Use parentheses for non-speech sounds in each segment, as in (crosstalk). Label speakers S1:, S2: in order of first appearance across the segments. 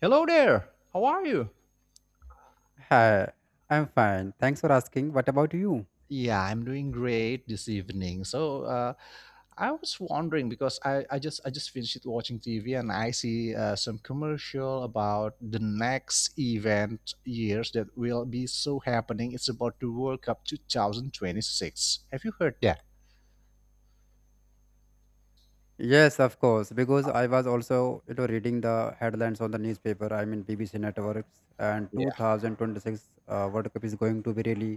S1: Hello there. How are you?
S2: Hi, I'm fine. Thanks for asking. What about you?
S1: Yeah, I'm doing great this evening. I was wondering because I just finished watching TV and I see some commercial about the next event years that will be so happening. It's about the World Cup 2026. Have you heard that?
S2: Yes, of course, because I was also, you know, reading the headlines on the newspaper. I mean, BBC networks, and 2026 World Cup is going to be really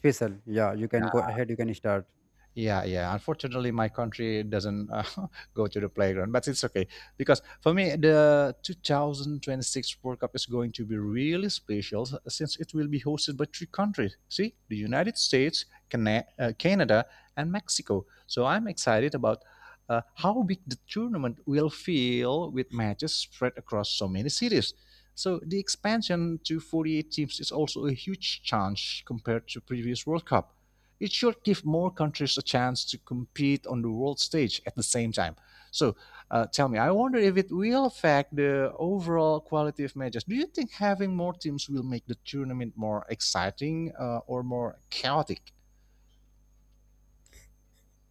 S2: special. Yeah, you can go ahead. You can start.
S1: Yeah, yeah. Unfortunately, my country doesn't (laughs) go to the playground, but it's okay because for me, the 2026 World Cup is going to be really special since it will be hosted by three countries. See, the United States, Canada, and Mexico. So I'm excited about how big the tournament will feel with matches spread across so many cities. So the expansion to 48 teams is also a huge change compared to previous World Cup. It should give more countries a chance to compete on the world stage at the same time. So, Tell me, I wonder if it will affect the overall quality of matches. Do you think having more teams will make the tournament more exciting, or more chaotic?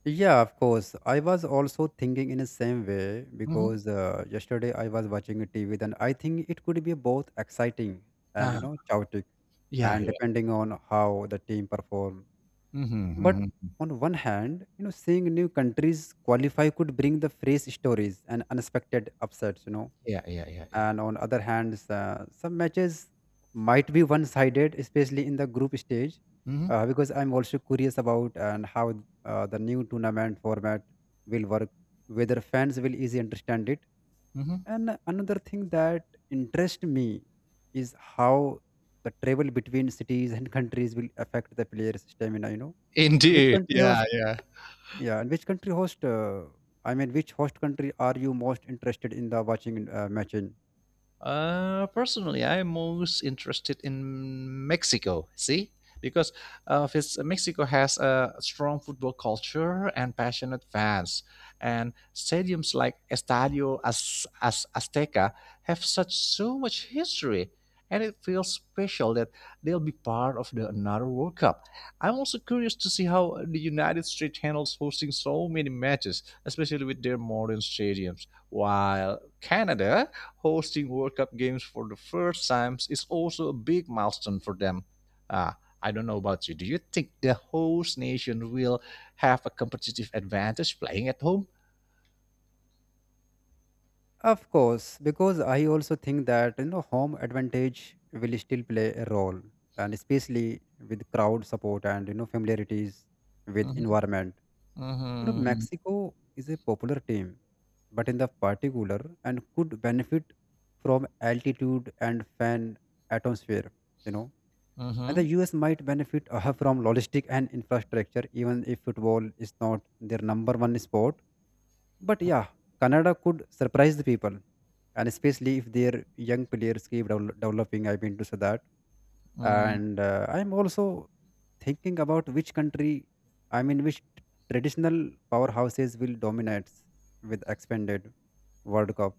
S2: Yeah, of course. I was also thinking in the same way
S1: Mm-hmm.
S2: because yesterday I was watching a TV, and I think it could be both exciting and, you
S1: Uh,
S2: know, chaotic,
S1: yeah,
S2: and
S1: yeah.
S2: depending on how the team perform.
S1: Mm-hmm.
S2: But
S1: Hmm.
S2: on one hand, you know, seeing new countries qualify could bring the fresh stories and unexpected upsets. You know.
S1: Yeah, yeah, yeah, yeah.
S2: And on other hand, some matches might be one-sided, especially in the group stage,
S1: Mm-hmm.
S2: because I'm also curious about and how the new tournament format will work, whether fans will easily understand it.
S1: Hmm.
S2: And another thing that interests me is how the travel between cities and countries will affect the players' stamina. You know. So which
S1: Indeed.
S2: country has,
S1: Yeah, yeah.
S2: yeah, and which country host? I mean, which host country are you most interested in the watching match in?
S1: Personally, I'm most interested in Mexico. See, because Mexico has a strong football culture and passionate fans, and stadiums like Estadio Azteca have such so much history, and it feels special that they'll be part of the another World Cup. I'm also curious to see how the United States handles hosting so many matches, especially with their modern stadiums, while Canada hosting World Cup games for the first time is also a big milestone for them. Ah, I don't know about you. Do you think the host nation will have a competitive advantage playing at home?
S2: Of course, because I also think that, you know, home advantage will still play a role, and especially with crowd support and, you know, familiarities with
S1: Mm-hmm.
S2: environment. You know,
S1: Mm-hmm.
S2: Mexico is a popular team, but in the particular and could benefit from altitude and fan atmosphere. You know. And the
S1: Mm-hmm.
S2: US might benefit from logistic and infrastructure, even if football is not their number one sport. But
S1: Mm-hmm.
S2: yeah, Canada could surprise the people, and especially if their young players keep developing. I've been to say that,
S1: Mm-hmm.
S2: and I'm also thinking about which country, I mean, which traditional powerhouses will dominate with expanded World Cup.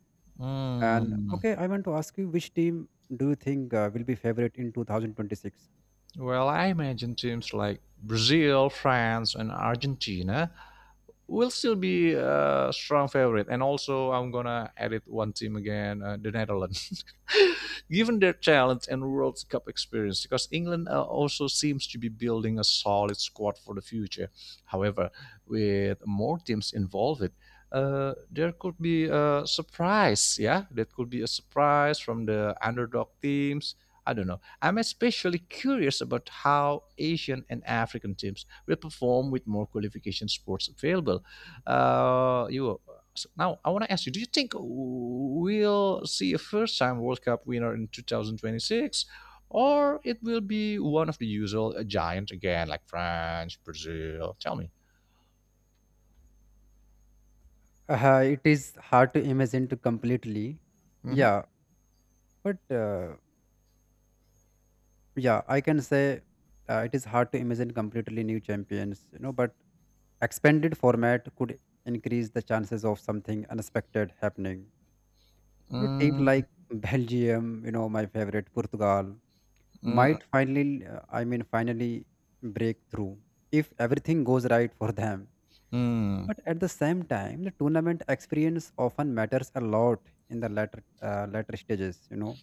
S2: And
S1: Mm-hmm.
S2: okay, I want to ask you, which team do you think will be favorite in 2026?
S1: Well, I imagine teams like Brazil, France, and Argentina will still be a strong favorite. And also, I'm gonna edit one team again, the Netherlands, (laughs) given their talent and World Cup experience. Because England also seems to be building a solid squad for the future. However, with more teams involved, there could be a surprise, yeah. That could be a surprise from the underdog teams. I don't know. I'm especially curious about how Asian and African teams will perform with more qualification sports available. You so now I want to ask you: do you think we'll see a first-time World Cup winner in 2026, or it will be one of the usual giants again, like France, Brazil? Tell me.
S2: It is hard to imagine to completely.
S1: Mm-hmm.
S2: Yeah, but yeah, I can say it is hard to imagine completely new champions, you know, but expanded format could increase the chances of something unexpected happening. You know, team
S1: Mm,
S2: like Belgium, you know, my favorite Portugal
S1: mm,
S2: might finally, finally break through if everything goes right for them.
S1: mm.
S2: But at the same time, the tournament experience often matters a lot in the latter stages. You know,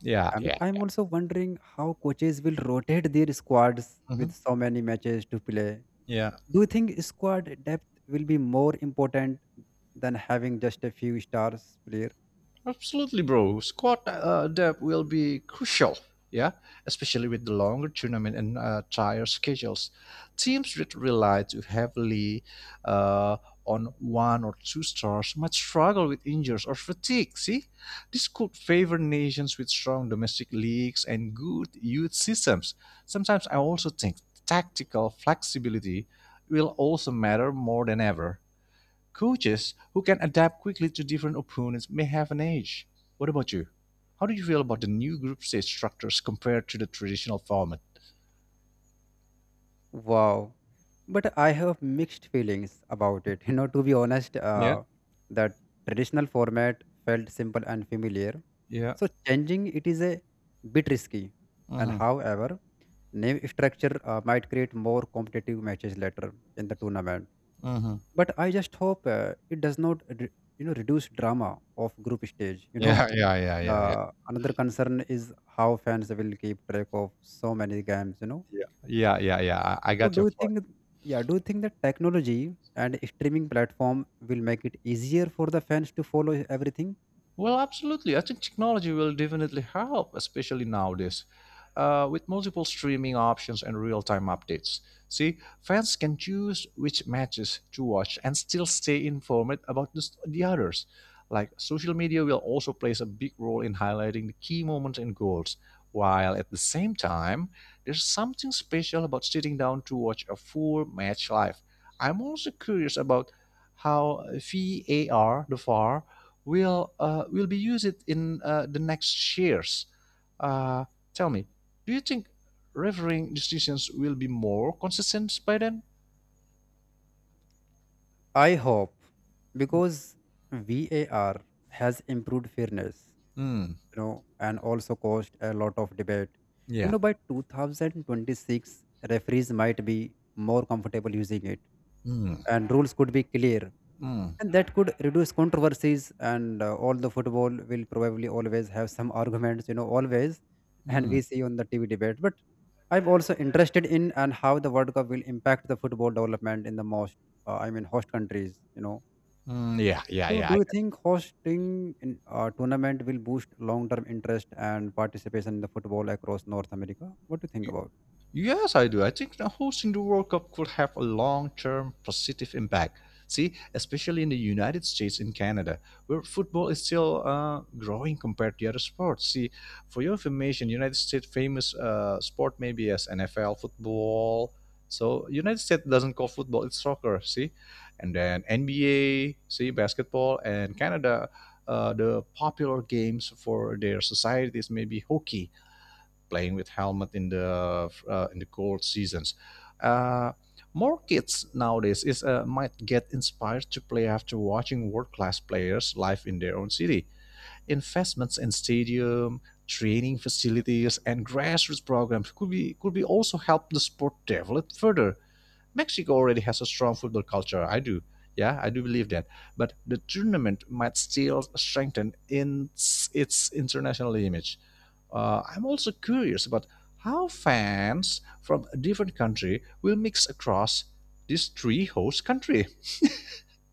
S1: Yeah,
S2: Uh, But
S1: yeah.
S2: I'm also wondering how coaches will rotate their squads with
S1: Mm-hmm.
S2: so many matches to play.
S1: Yeah.
S2: Do you think squad depth will be more important than having just a few stars player?
S1: Absolutely, bro. Squad depth will be crucial, yeah, especially with the longer tournament and tighter schedules. Teams that rely too heavily uh, on one or two stars might struggle with injuries or fatigue. See, this could favor nations with strong domestic leagues and good youth systems. Sometimes I also think tactical flexibility will also matter more than ever. Coaches who can adapt quickly to different opponents may have an edge. What about you? How do you feel about the new group stage structures compared to the traditional format?
S2: Wow. But I have mixed feelings about it. (laughs) You know, to be honest,
S1: Yeah.
S2: the traditional format felt simple and familiar.
S1: Yeah.
S2: So changing it is a bit risky. And
S1: Mm-hmm.
S2: however, name structure might create more competitive matches later in the tournament.
S1: Mm-hmm.
S2: But I just hope it does not re- you know, reduce drama of group stage, you know.
S1: Yeah. Yeah. Yeah. Yeah.
S2: Another concern is how fans will keep track of so many games, you know.
S1: Yeah.
S2: So do you think that technology and streaming platform will make it easier for the fans to follow everything?
S1: Well, absolutely. I think technology will definitely help, especially nowadays, with multiple streaming options and real time updates. See, fans can choose which matches to watch and still stay informed about the others. Like, social media will also plays a big role in highlighting the key moments and goals, while at the same time, there's something special about sitting down to watch a full match live. I'm also curious about how the VAR will be used in the next years. Uh, Tell me, do you think refereeing decisions will be more consistent by then?
S2: I hope, because VAR has improved fairness,
S1: Mm,
S2: you know, and also caused a lot of debate. You
S1: yeah.
S2: know, by 2026, referees might be more comfortable using it,
S1: Mm,
S2: and rules could be clear,
S1: mm,
S2: and that could reduce controversies. And all the football will probably always have some arguments, you know, always, and
S1: mm,
S2: we see on the TV debate. But I'm also interested in and how the World Cup will impact the football development in the host countries. You know,
S1: mm, yeah, yeah,
S2: so,
S1: yeah.
S2: do
S1: I
S2: you
S1: got.
S2: think hosting in a tournament will boost long-term interest and participation in the football across North America? What do you think about?
S1: Yes, I do. I think that hosting the World Cup could have a long term positive impact. See, especially in the United States and Canada, where football is still growing compared to other sports. See, for your information, United States famous sport maybe as NFL football. So United States doesn't call football; it's soccer. See, and then NBA, see basketball, and Canada, the popular games for their societies maybe hockey playing with helmet in the cold seasons. Uh, More kids nowadays is might get inspired to play after watching world-class players live in their own city. Investments in stadium, training facilities, and grassroots programs could be also help the sport develop further. Mexico already has a strong football culture. I do. Yeah, I do believe that. But the tournament might still strengthen in its international image. I'm also curious about how fans from a different country will mix across these three host country.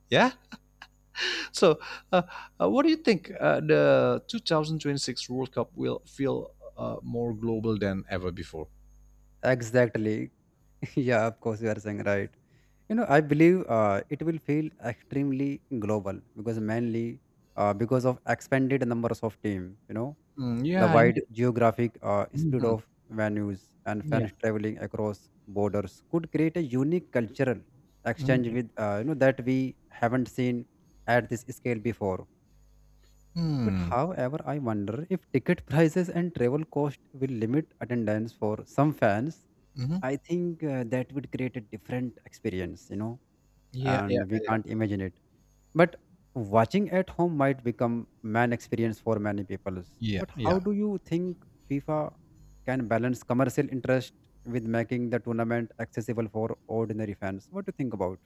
S1: Yeah. So, uh, what do you think the 2026 World Cup will feel more global than ever before?
S2: Exactly. (laughs) Yeah, of course, you are saying right. You know, I believe it will feel extremely global because mainly because of expanded numbers of team. You know,
S1: Mm,
S2: the
S1: yeah,
S2: wide
S1: indeed.
S2: geographic spread
S1: Mhm.
S2: of venues and
S1: Yeah.
S2: fans traveling across borders could create a unique cultural exchange
S1: Mhm.
S2: with, you know, that we haven't seen at this scale before. But
S1: Hmm.
S2: however, I wonder if ticket (laughs) prices and travel cost will limit attendance for some fans.
S1: Mhm.
S2: I think that would create a different experience, you know,
S1: Yeah, yeah,
S2: and we
S1: yeah,
S2: can't imagine it. But watching at home might become man experience for many people.
S1: yeah,
S2: But how
S1: yeah.
S2: do you think FIFA can balance commercial interest with making the tournament accessible for ordinary fans? What do you think about?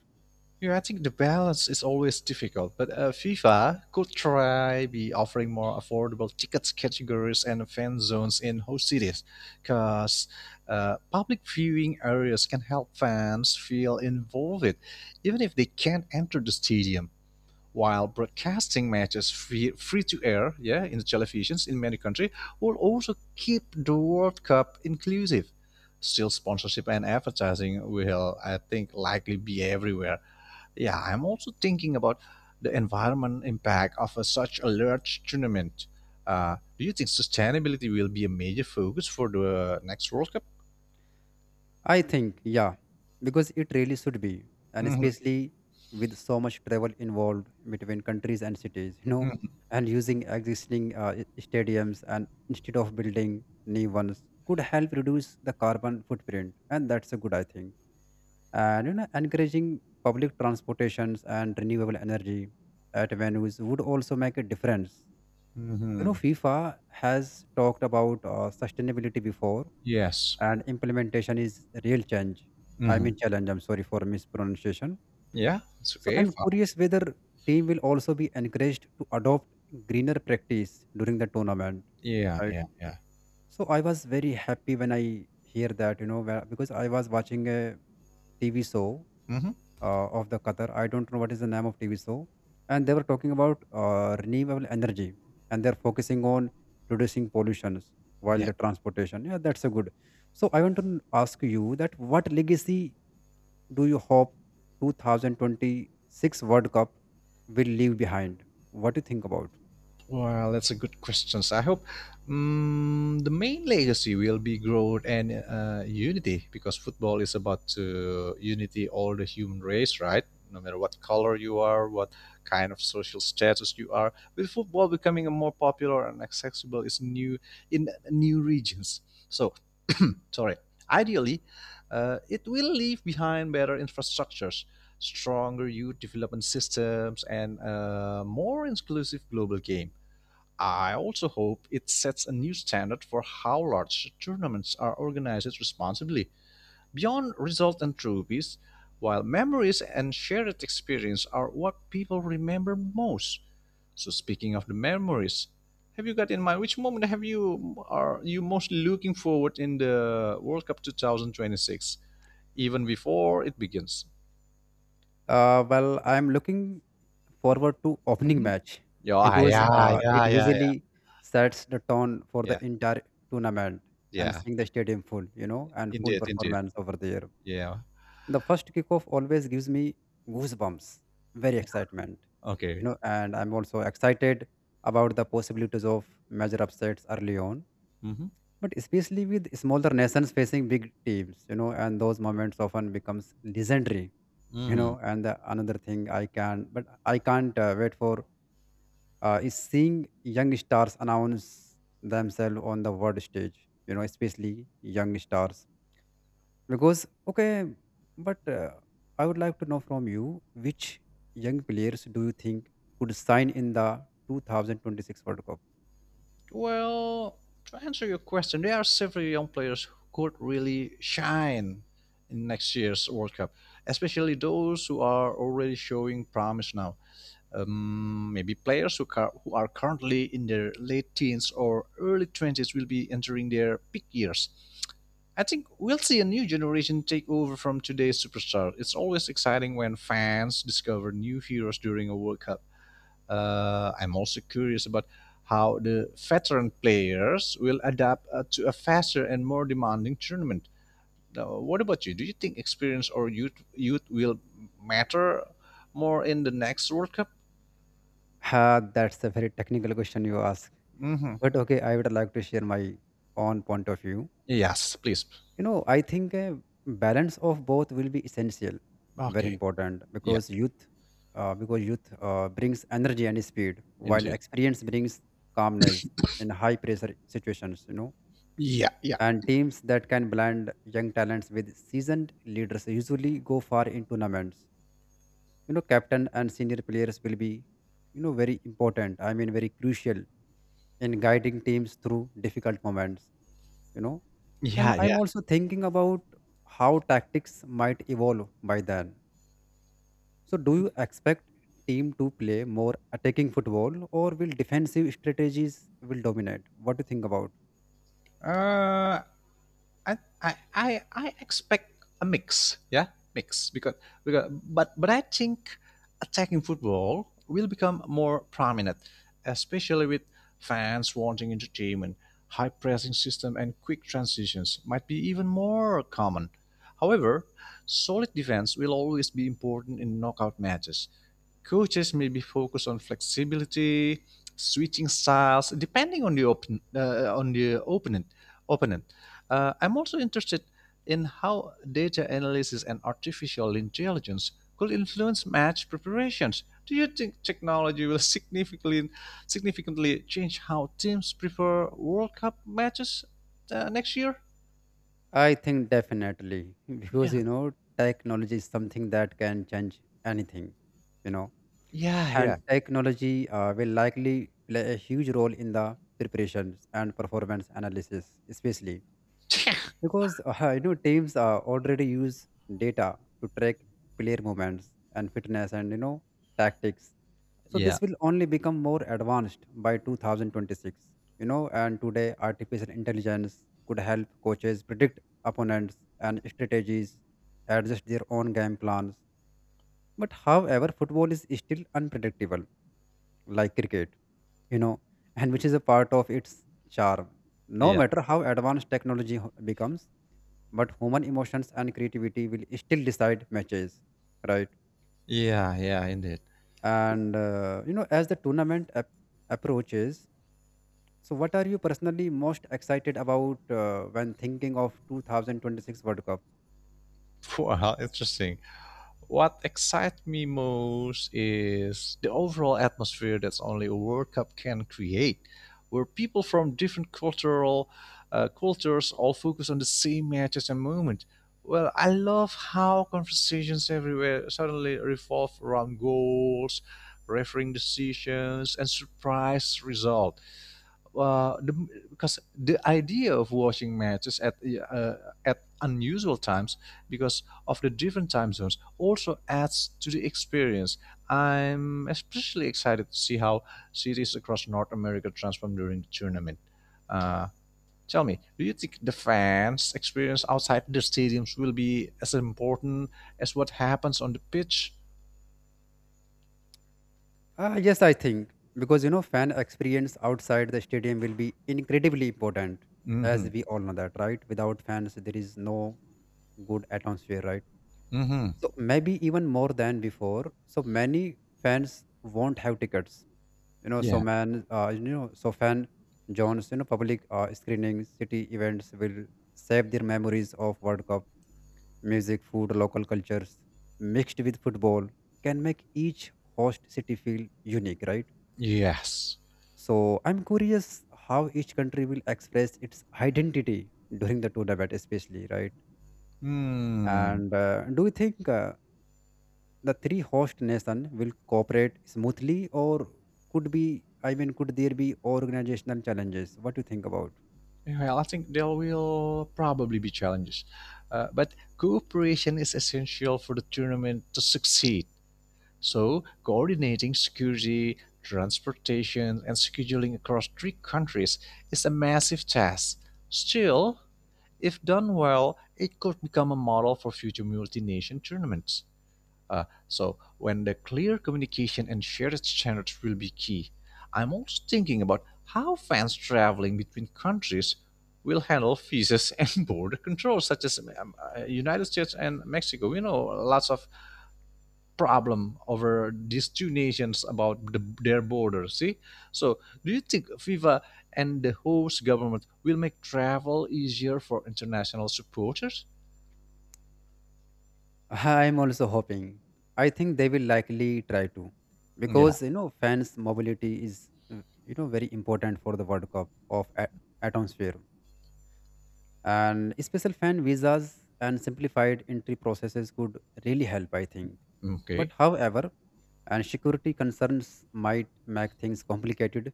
S1: Yeah, I think the balance is always difficult, but FIFA could try be offering more affordable tickets categories and fan zones in host cities, because public viewing areas can help fans feel involved, even if they can't enter the stadium, while broadcasting matches free to air, yeah, in the televisions in many countries, will also keep the World Cup inclusive. Still, sponsorship and advertising will, I think, likely be everywhere. Yeah, I'm also thinking about the environment impact of a, such a large tournament. Do you think sustainability will be a major focus for the next World Cup?
S2: I think, yeah, because it really should be, and
S1: Mhm,
S2: especially with so much travel involved between countries and cities, you know,
S1: mhm,
S2: and using existing stadiums and instead of building new ones could help reduce the carbon footprint, and that's a good, I think. And you know, encouraging public transportations and renewable energy at venues would also make a difference. You know,
S1: mhm.
S2: FIFA has talked about sustainability before,
S1: Yes.
S2: and implementation is a real change I
S1: Hmm.
S2: mean challenge. I'm sorry for mispronunciation.
S1: Yeah, it's
S2: So
S1: okay.
S2: I'm
S1: Fine.
S2: curious whether team will also be encouraged to adopt greener practice during the tournament,
S1: Yeah,
S2: right?
S1: yeah, yeah.
S2: So I was very happy when I hear that, because I was watching a TV show
S1: Hmm.
S2: of the Qatar. I don't know what is the name of TV show, and they were talking about renewable energy, and they're focusing on reducing pollutions while
S1: Yeah.
S2: the transportation. Yeah, that's a good. So I want to ask you that what legacy do you hope 2026 World Cup will leave behind? What do you think about?
S1: Well, that's a good question. I hope mm the main legacy will be growth and unity because football is about to unity all the human race, right? No matter what color you are, what kind of social status you are, with football becoming a more popular and accessible is new in new regions. So, (clears throat) sorry. Ideally, it will leave behind better infrastructures, stronger youth development systems, and a more inclusive global game. I also hope it sets a new standard for how large tournaments are organized responsibly. Beyond results and trophies, while memories and shared experience are what people remember most. So speaking of the memories, have you got in mind which moment have you are you most looking forward in the World Cup 2026 even before it begins?
S2: Well, I'm looking forward to opening
S1: Hmm.
S2: match
S1: Yeah,
S2: because
S1: yeah,
S2: it
S1: yeah, yeah, yeah,
S2: usually sets the tone for
S1: yeah,
S2: the entire tournament, and
S1: yeah.
S2: seeing the stadium full, you know, and full
S1: Indeed, indeed.
S2: performance over there.
S1: Yeah.
S2: The first kickoff always gives me goosebumps, very excitement, you
S1: Okay.
S2: know, and I'm also excited about the possibilities of major upsets early on.
S1: Mm-hmm.
S2: But especially with smaller nations facing big teams, you know, and those moments often becomes legendary, you
S1: Mm.
S2: know. And another thing I can, but I can't wait for is seeing young stars announce themselves on the world stage, you know, especially young stars. Because, okay, but I would like to know from you which young players do you think could sign in the 2026 World Cup?
S1: Well, to answer your question, there are several young players who could really shine in next year's World Cup, especially those who are already showing promise now. Maybe players who are currently in their late teens or early 20s will be entering their peak years. I think we'll see a new generation take over from today's superstar. It's always exciting when fans discover new heroes during a World Cup. I'm also curious about how the veteran players will adapt to a faster and more demanding tournament. Now, what about you? Do you think experience or youth will matter more in the next World Cup?
S2: Ha, that's a very technical question you ask.
S1: Hmm.
S2: But okay, I would like to share my own point of view.
S1: Yes, please.
S2: You know, I think a balance of both will be essential, very
S1: Okay.
S2: important,
S1: Yeah,
S2: because youth brings energy and speed, while
S1: indeed.
S2: experience brings calmness in high pressure situations, you know.
S1: Yeah, yeah.
S2: And teams that can blend young talents with seasoned leaders usually go far in tournaments, you know. Captain and senior players will be, you know, very important I mean very crucial in guiding teams through difficult moments, you know. And
S1: Yeah,
S2: I'm
S1: yeah.
S2: also thinking about how tactics might evolve by then. So, do you expect team to play more attacking football, or will defensive strategies will dominate? What do you think about?
S1: Uh, I I expect a mix, yeah, mix because but I think attacking football will become more prominent, especially with fans wanting entertainment. High pressing system and quick transitions might be even more common. However, solid defense will always be important in knockout matches. Coaches may be focused on flexibility, switching styles depending on the uh, on the opponent. opponent. I'm also interested in how data analysis and artificial intelligence could influence match preparations. Do you think technology will significantly change how teams prepare World Cup matches next year?
S2: I think definitely, (laughs) because
S1: Yeah,
S2: you know technology is something that can change anything, you know,
S1: yeah, yeah,
S2: and technology will likely play a huge role in the preparations and performance analysis, especially
S1: (laughs)
S2: because, (laughs) you know, teams already use data to track player movements and fitness and, you know, tactics. So
S1: yeah,
S2: this will only become more advanced by 2026, you know. And today artificial intelligence could help coaches predict opponents and strategies, adjust their own game plans. But however, football is still unpredictable like cricket, you know, and which is a part of its charm. No
S1: yeah,
S2: matter how advanced technology becomes, but human emotions and creativity will still decide matches, right?
S1: yeah, yeah, indeed.
S2: And you know, as the tournament approaches, so what are you personally most excited about, when thinking of 2026 world cup?
S1: Wow, interesting. What excites me most is the overall atmosphere that's only a World Cup can create, where people from different cultural cultures all focus on the same matches and moment. Well, I love how conversations everywhere suddenly revolve around goals, refereeing decisions, and surprise result uh, the, because the idea of watching matches uh, at unusual times because of the different time zones also adds to the experience. I'm especially excited to see how cities across North America transform during the tournament. Uh, Tell me, do you think the fans' experience outside the stadiums will be as important as what happens on the pitch?
S2: Yes, I think, because you know, fan experience outside the stadium will be incredibly important, as
S1: Mm-hmm.
S2: we all know that, right? Without fans there is no good atmosphere, right?
S1: Mm-hmm.
S2: So maybe even more than before, so many fans won't have tickets, you know. so
S1: Yeah.
S2: man uh, you know so fan jones, you know, public screening city events will save their memories of world cup. Music, food, local cultures mixed with football can make each host city feel unique, right?
S1: Yes.
S2: So I'm curious how each country will express its identity during the tournament especially, right?
S1: Hmm.
S2: And do you think, the three host nation will cooperate smoothly, or could be could there be organizational challenges? What do you think about?
S1: Well, I think there will probably be challenges, but cooperation is essential for the tournament to succeed. So, coordinating security, transportation, and scheduling across three countries is a massive task. Still, if done well, it could become a model for future multi nation tournaments. So when the clear communication and shared standards will be key. I'm also thinking about how fans traveling between countries will handle visas (laughs) and border control, such as United States and Mexico. You know, lots of problem over these two nations about their border. See, so do you think FIFA and the host government will make travel easier for international supporters?
S2: (laughs) I am also hoping. I think they will likely try to,
S1: Yeah.
S2: because you know, fans mobility is, you know, very important for the world cup atmosphere, and special fan visas and simplified entry processes could really help, I think. But
S1: Okay.
S2: however, and security concerns might make things complicated.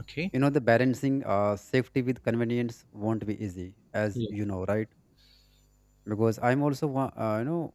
S1: Okay.
S2: You Know, the balancing safety with convenience won't be easy, as you know, right? Because I'm also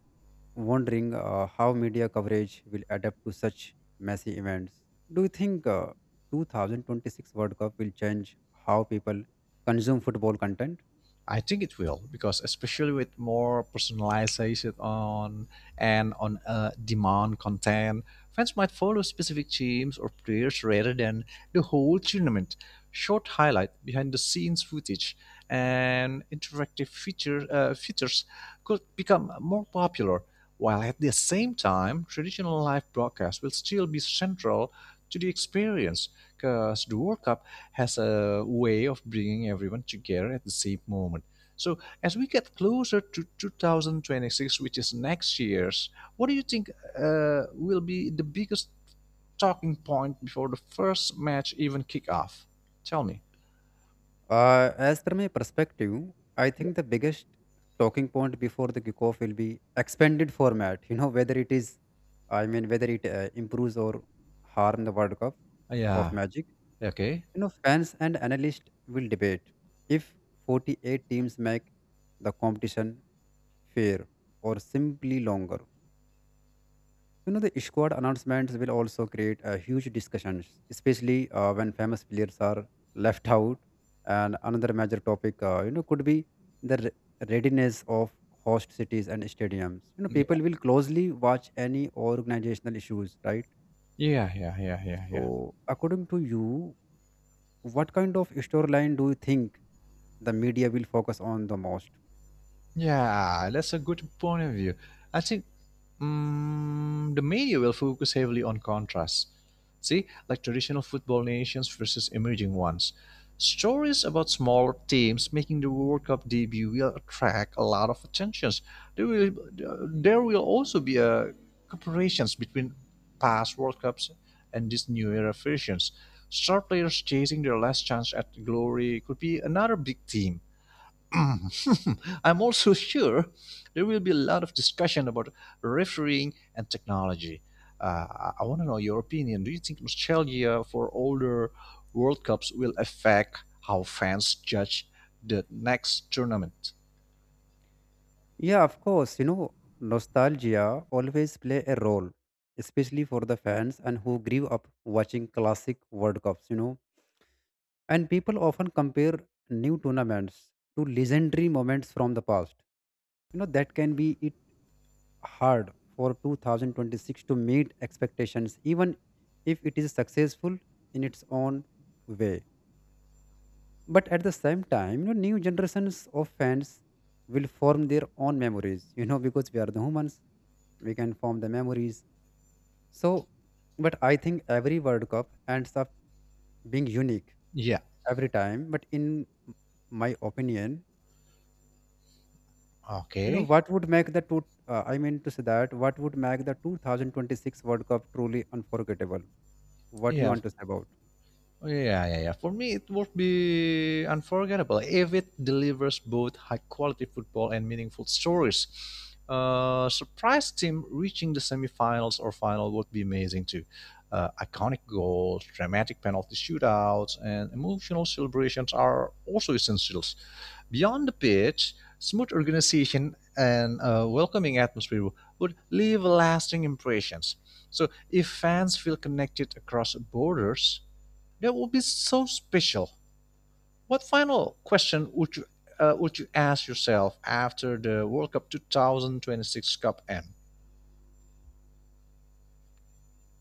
S2: wondering how media coverage will adapt to such messy events. Do you think 2026 world cup will change how people consume football content?
S1: I think it will because especially with more personalization on demand content, fans might follow specific teams or players rather than the whole tournament. Short highlight, behind the scenes footage, and interactive features could become more popular. While at the same time, traditional live broadcasts will still be central to the experience because the World Cup has a way of bringing everyone together at the same moment. So as we get closer to 2026, which is next year's, what do you think will be the biggest talking point before the first match even kick off? Tell me.
S2: As per my perspective, I think
S1: Yeah.
S2: the biggest talking point before the kickoff will be expanded format, whether it is, whether it improves or harm the world cup of
S1: Yeah.
S2: magic.
S1: Okay.
S2: You know, fans and analysts will debate if 48 teams make the competition fair or simply longer. You know, the squad announcements will also create a huge discussions, especially when famous players are left out. And another major topic, could be the readiness of host cities and stadiums. You know, people
S1: Yeah.
S2: will closely watch any organizational issues, right?
S1: Yeah. Yeah. Yeah. Yeah. Yeah.
S2: So, according to you, what kind of storyline do you think the media will focus on the most?
S1: Yeah, that's a good point of view. I think the media will focus heavily on contrast. See, like traditional football nations versus emerging ones. Stories about smaller teams making the World Cup debut will attract a lot of attention. There will, there will also be a comparisons between past World Cups and these new era versions. Star players chasing their last chance at glory could be another big theme. (laughs) I'm also sure there will be a lot of discussion about refereeing and technology. I want to know your opinion. Do you think nostalgia for older World Cups will affect how fans judge the next tournament?
S2: Yeah, of course, you know, nostalgia always play a role, especially for the fans and who grew up watching classic World Cups, you know. And people often compare new tournaments to legendary moments from the past. You know, that can be it hard for 2026 to meet expectations, even if it is successful in its own way. But at the same time, you know, new generations of fans will form their own memories, you know, because we are the humans, we can form the memories. So, but I think every world cup ends up being unique
S1: Yeah.
S2: every time. But in my opinion,
S1: Okay.
S2: what would make the two I mean to say that what would make the 2026 world cup truly unforgettable? What you
S1: Yeah.
S2: want to say about?
S1: Oh, yeah, yeah, yeah. For me, it would be unforgettable if it delivers both high quality football and meaningful stories. Surprise team reaching the semifinals or final would be amazing too. Iconic goals, dramatic penalty shootouts, and emotional celebrations are also essentials. Beyond the pitch, smooth organization and a welcoming atmosphere would leave lasting impressions. So, if fans feel connected across borders, that will be so special. What final question would you ask yourself after the World Cup 2026 Cup end?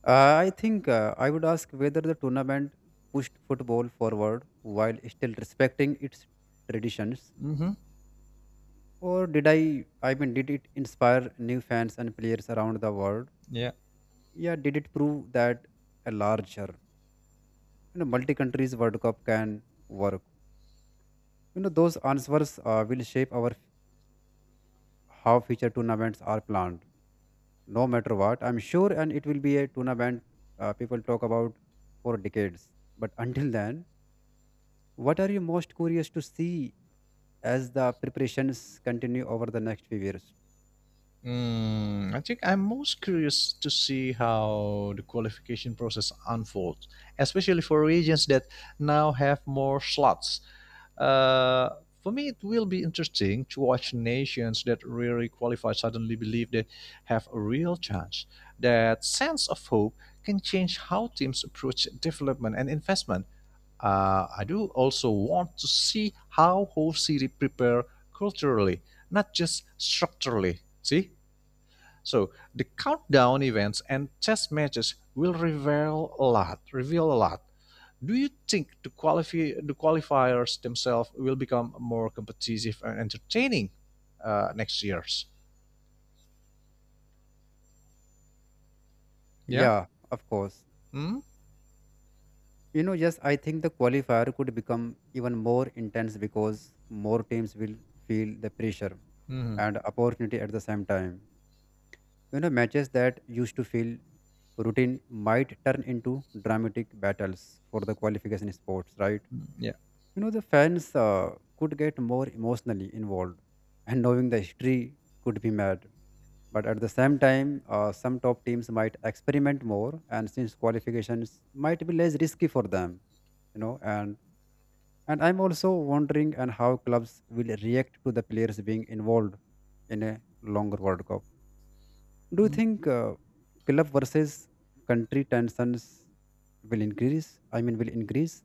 S2: I think I would ask whether the tournament pushed football forward while still respecting its traditions,
S1: Mm-hmm.
S2: or did I? I mean, did it inspire new fans and players around the world?
S1: Yeah.
S2: Yeah, did it prove that a larger, you know, multi-countries World Cup can work? You know, those answers will shape how future tournaments are planned. No matter what, I'm sure, and it will be a tournament people talk about for decades. But until then, what are you most curious to see as the preparations continue over the next few years?
S1: Mm, I think I'm most curious to see how the qualification process unfolds, especially for regions that now have more slots. Uh, for me, it will be interesting to watch nations that really qualify suddenly believe they have a real chance. That sense of hope can change how teams approach development and investment. I do also want to see how whole city prepare culturally, not just structurally. See? So the countdown events and chess matches will reveal a lot. Reveal a lot. Do you think the qualifiers themselves will become more competitive and entertaining next year's? Yeah.
S2: Yeah, of course.
S1: Hmm.
S2: You know, yes, I think the qualifier could become even more intense because more teams will feel the pressure
S1: hmm
S2: and opportunity at the same time. You know, matches that used to feel routine might turn into dramatic battles for the qualification sports, right?
S1: Yeah.
S2: You know, the fans could get more emotionally involved, and knowing the history could be mad. But at the same time, some top teams might experiment more, and since qualifications might be less risky for them, you know. And I'm also wondering and how clubs will react to the players being involved in a longer World Cup. Do you
S1: Mm.
S2: think club versus country tensions will increase? I mean, will increase?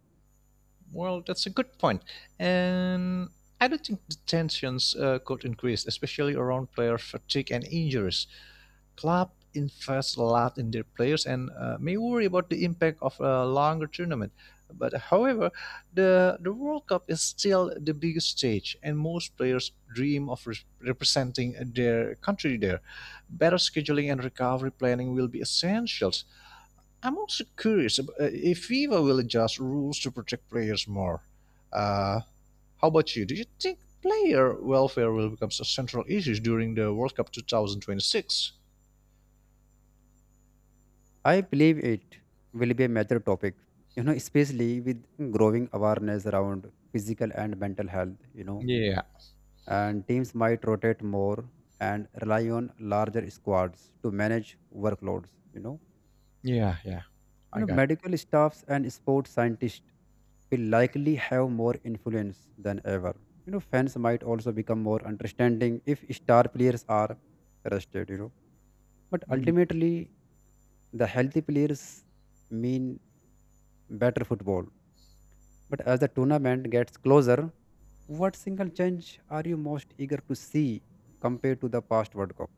S1: Well, that's a good point, and I don't think the tensions could increase, especially around player fatigue and injuries. Club invest a lot in their players and may worry about the impact of a longer tournament. But however, the World Cup is still the biggest stage, and most players dream of representing their country there. Better scheduling and recovery planning will be essentials. I'm also curious if FIFA will adjust rules to protect players more. Uh, how about you? Do you think player welfare will become a central issue during the World Cup 2026?
S2: I believe it will be a major topic, you know, especially with growing awareness around physical and mental health, you know,
S1: Yeah,
S2: and teams might rotate more and rely on larger squads to manage workloads, you know.
S1: Yeah, yeah,
S2: You
S1: I
S2: know,
S1: got it.
S2: medical staffs and sports scientists will likely have more influence than ever. You know, fans might also become more understanding if star players are rested, you know. But
S1: Mm.
S2: ultimately, the healthy players mean better football. But as the tournament gets closer, what single change are you most eager to see compared to the past world cup?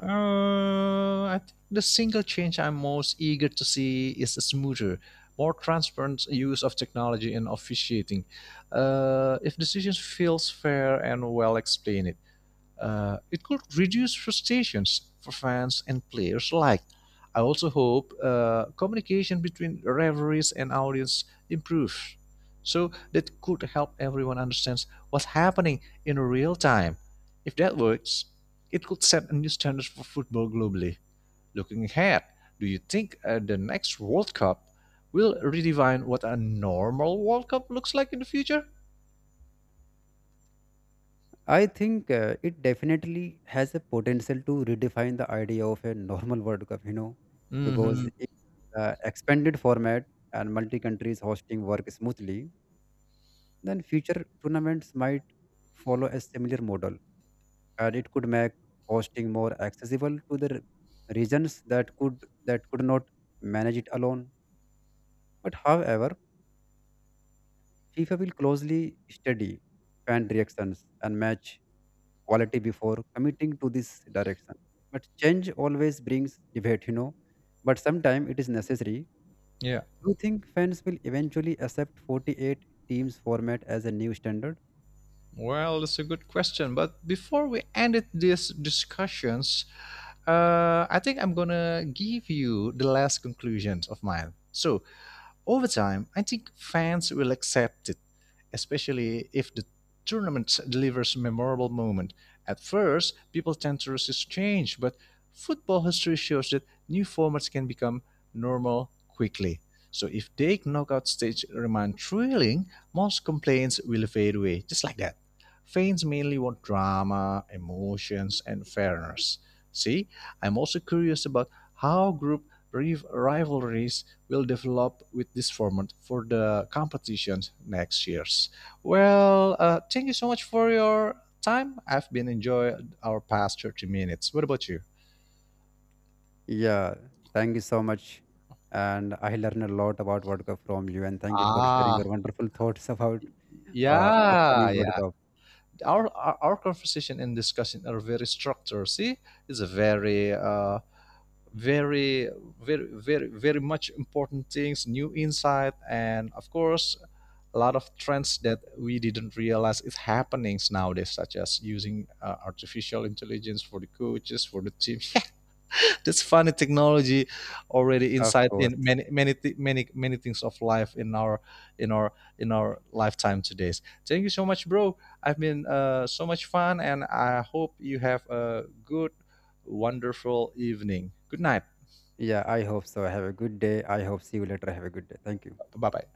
S1: I think the single change I'm most eager to see is a smoother, more transparent use of technology in officiating. If decisions feels fair and well explained, it could reduce frustrations for fans and players alike. I also hope communication between referees and audience improves, so that could help everyone understand what's happening in real time. If that works, it could set a new standard for football globally. Looking ahead, do you think the next World Cup will redefine what a normal World Cup looks like in the future?
S2: I think it definitely has a potential to redefine the idea of a normal World Cup, you know, because
S1: hmm
S2: if the expanded format and multi countries hosting work smoothly, then future tournaments might follow a similar model, and it could make hosting more accessible to the regions that could, that could not manage it alone. But however, FIFA will closely study fan reactions and match quality before committing to this direction. But change always brings debate, you know. But sometimes it is necessary.
S1: Yeah.
S2: Do you think fans will eventually accept 48 teams format as a new standard?
S1: Well, that's a good question. But before we ended these discussions, I think I'm gonna give you the last conclusions of mine. So, over time, I think fans will accept it, especially if the tournament delivers a memorable moments. At first, people tend to resist change, but football history shows that new formats can become normal quickly. So if the knockout stage remain thrilling, most complaints will fade away, just like that. Fans mainly want drama, emotions, and fairness. See, I'm also curious about how group rivalries will develop with this format for the competitions next years. Well, thank you so much for your time. I've been enjoying our past 30 minutes. What about you?
S2: Yeah, thank you so much. And I learned a lot about World Cup from you. And thank you for sharing your
S1: Ah,
S2: wonderful (laughs) thoughts about
S1: yeah,
S2: upcoming World
S1: yeah.
S2: Cup.
S1: Our conversation and discussion are very structured. See, it's a very very much important things new insight and of course a lot of trends that we didn't realize is happening nowadays such as using artificial intelligence for the coaches for the team (laughs) yeah that's funny technology already
S2: Of
S1: inside in
S2: course.
S1: many many things of life in in our our lifetime today. Thank you so much bro. I've been so much fun and I hope you have a good wonderful evening. Good night.
S2: Yeah, I hope so. Have a good day. I hope see you later. Have a good day. Thank you.
S1: Bye-bye.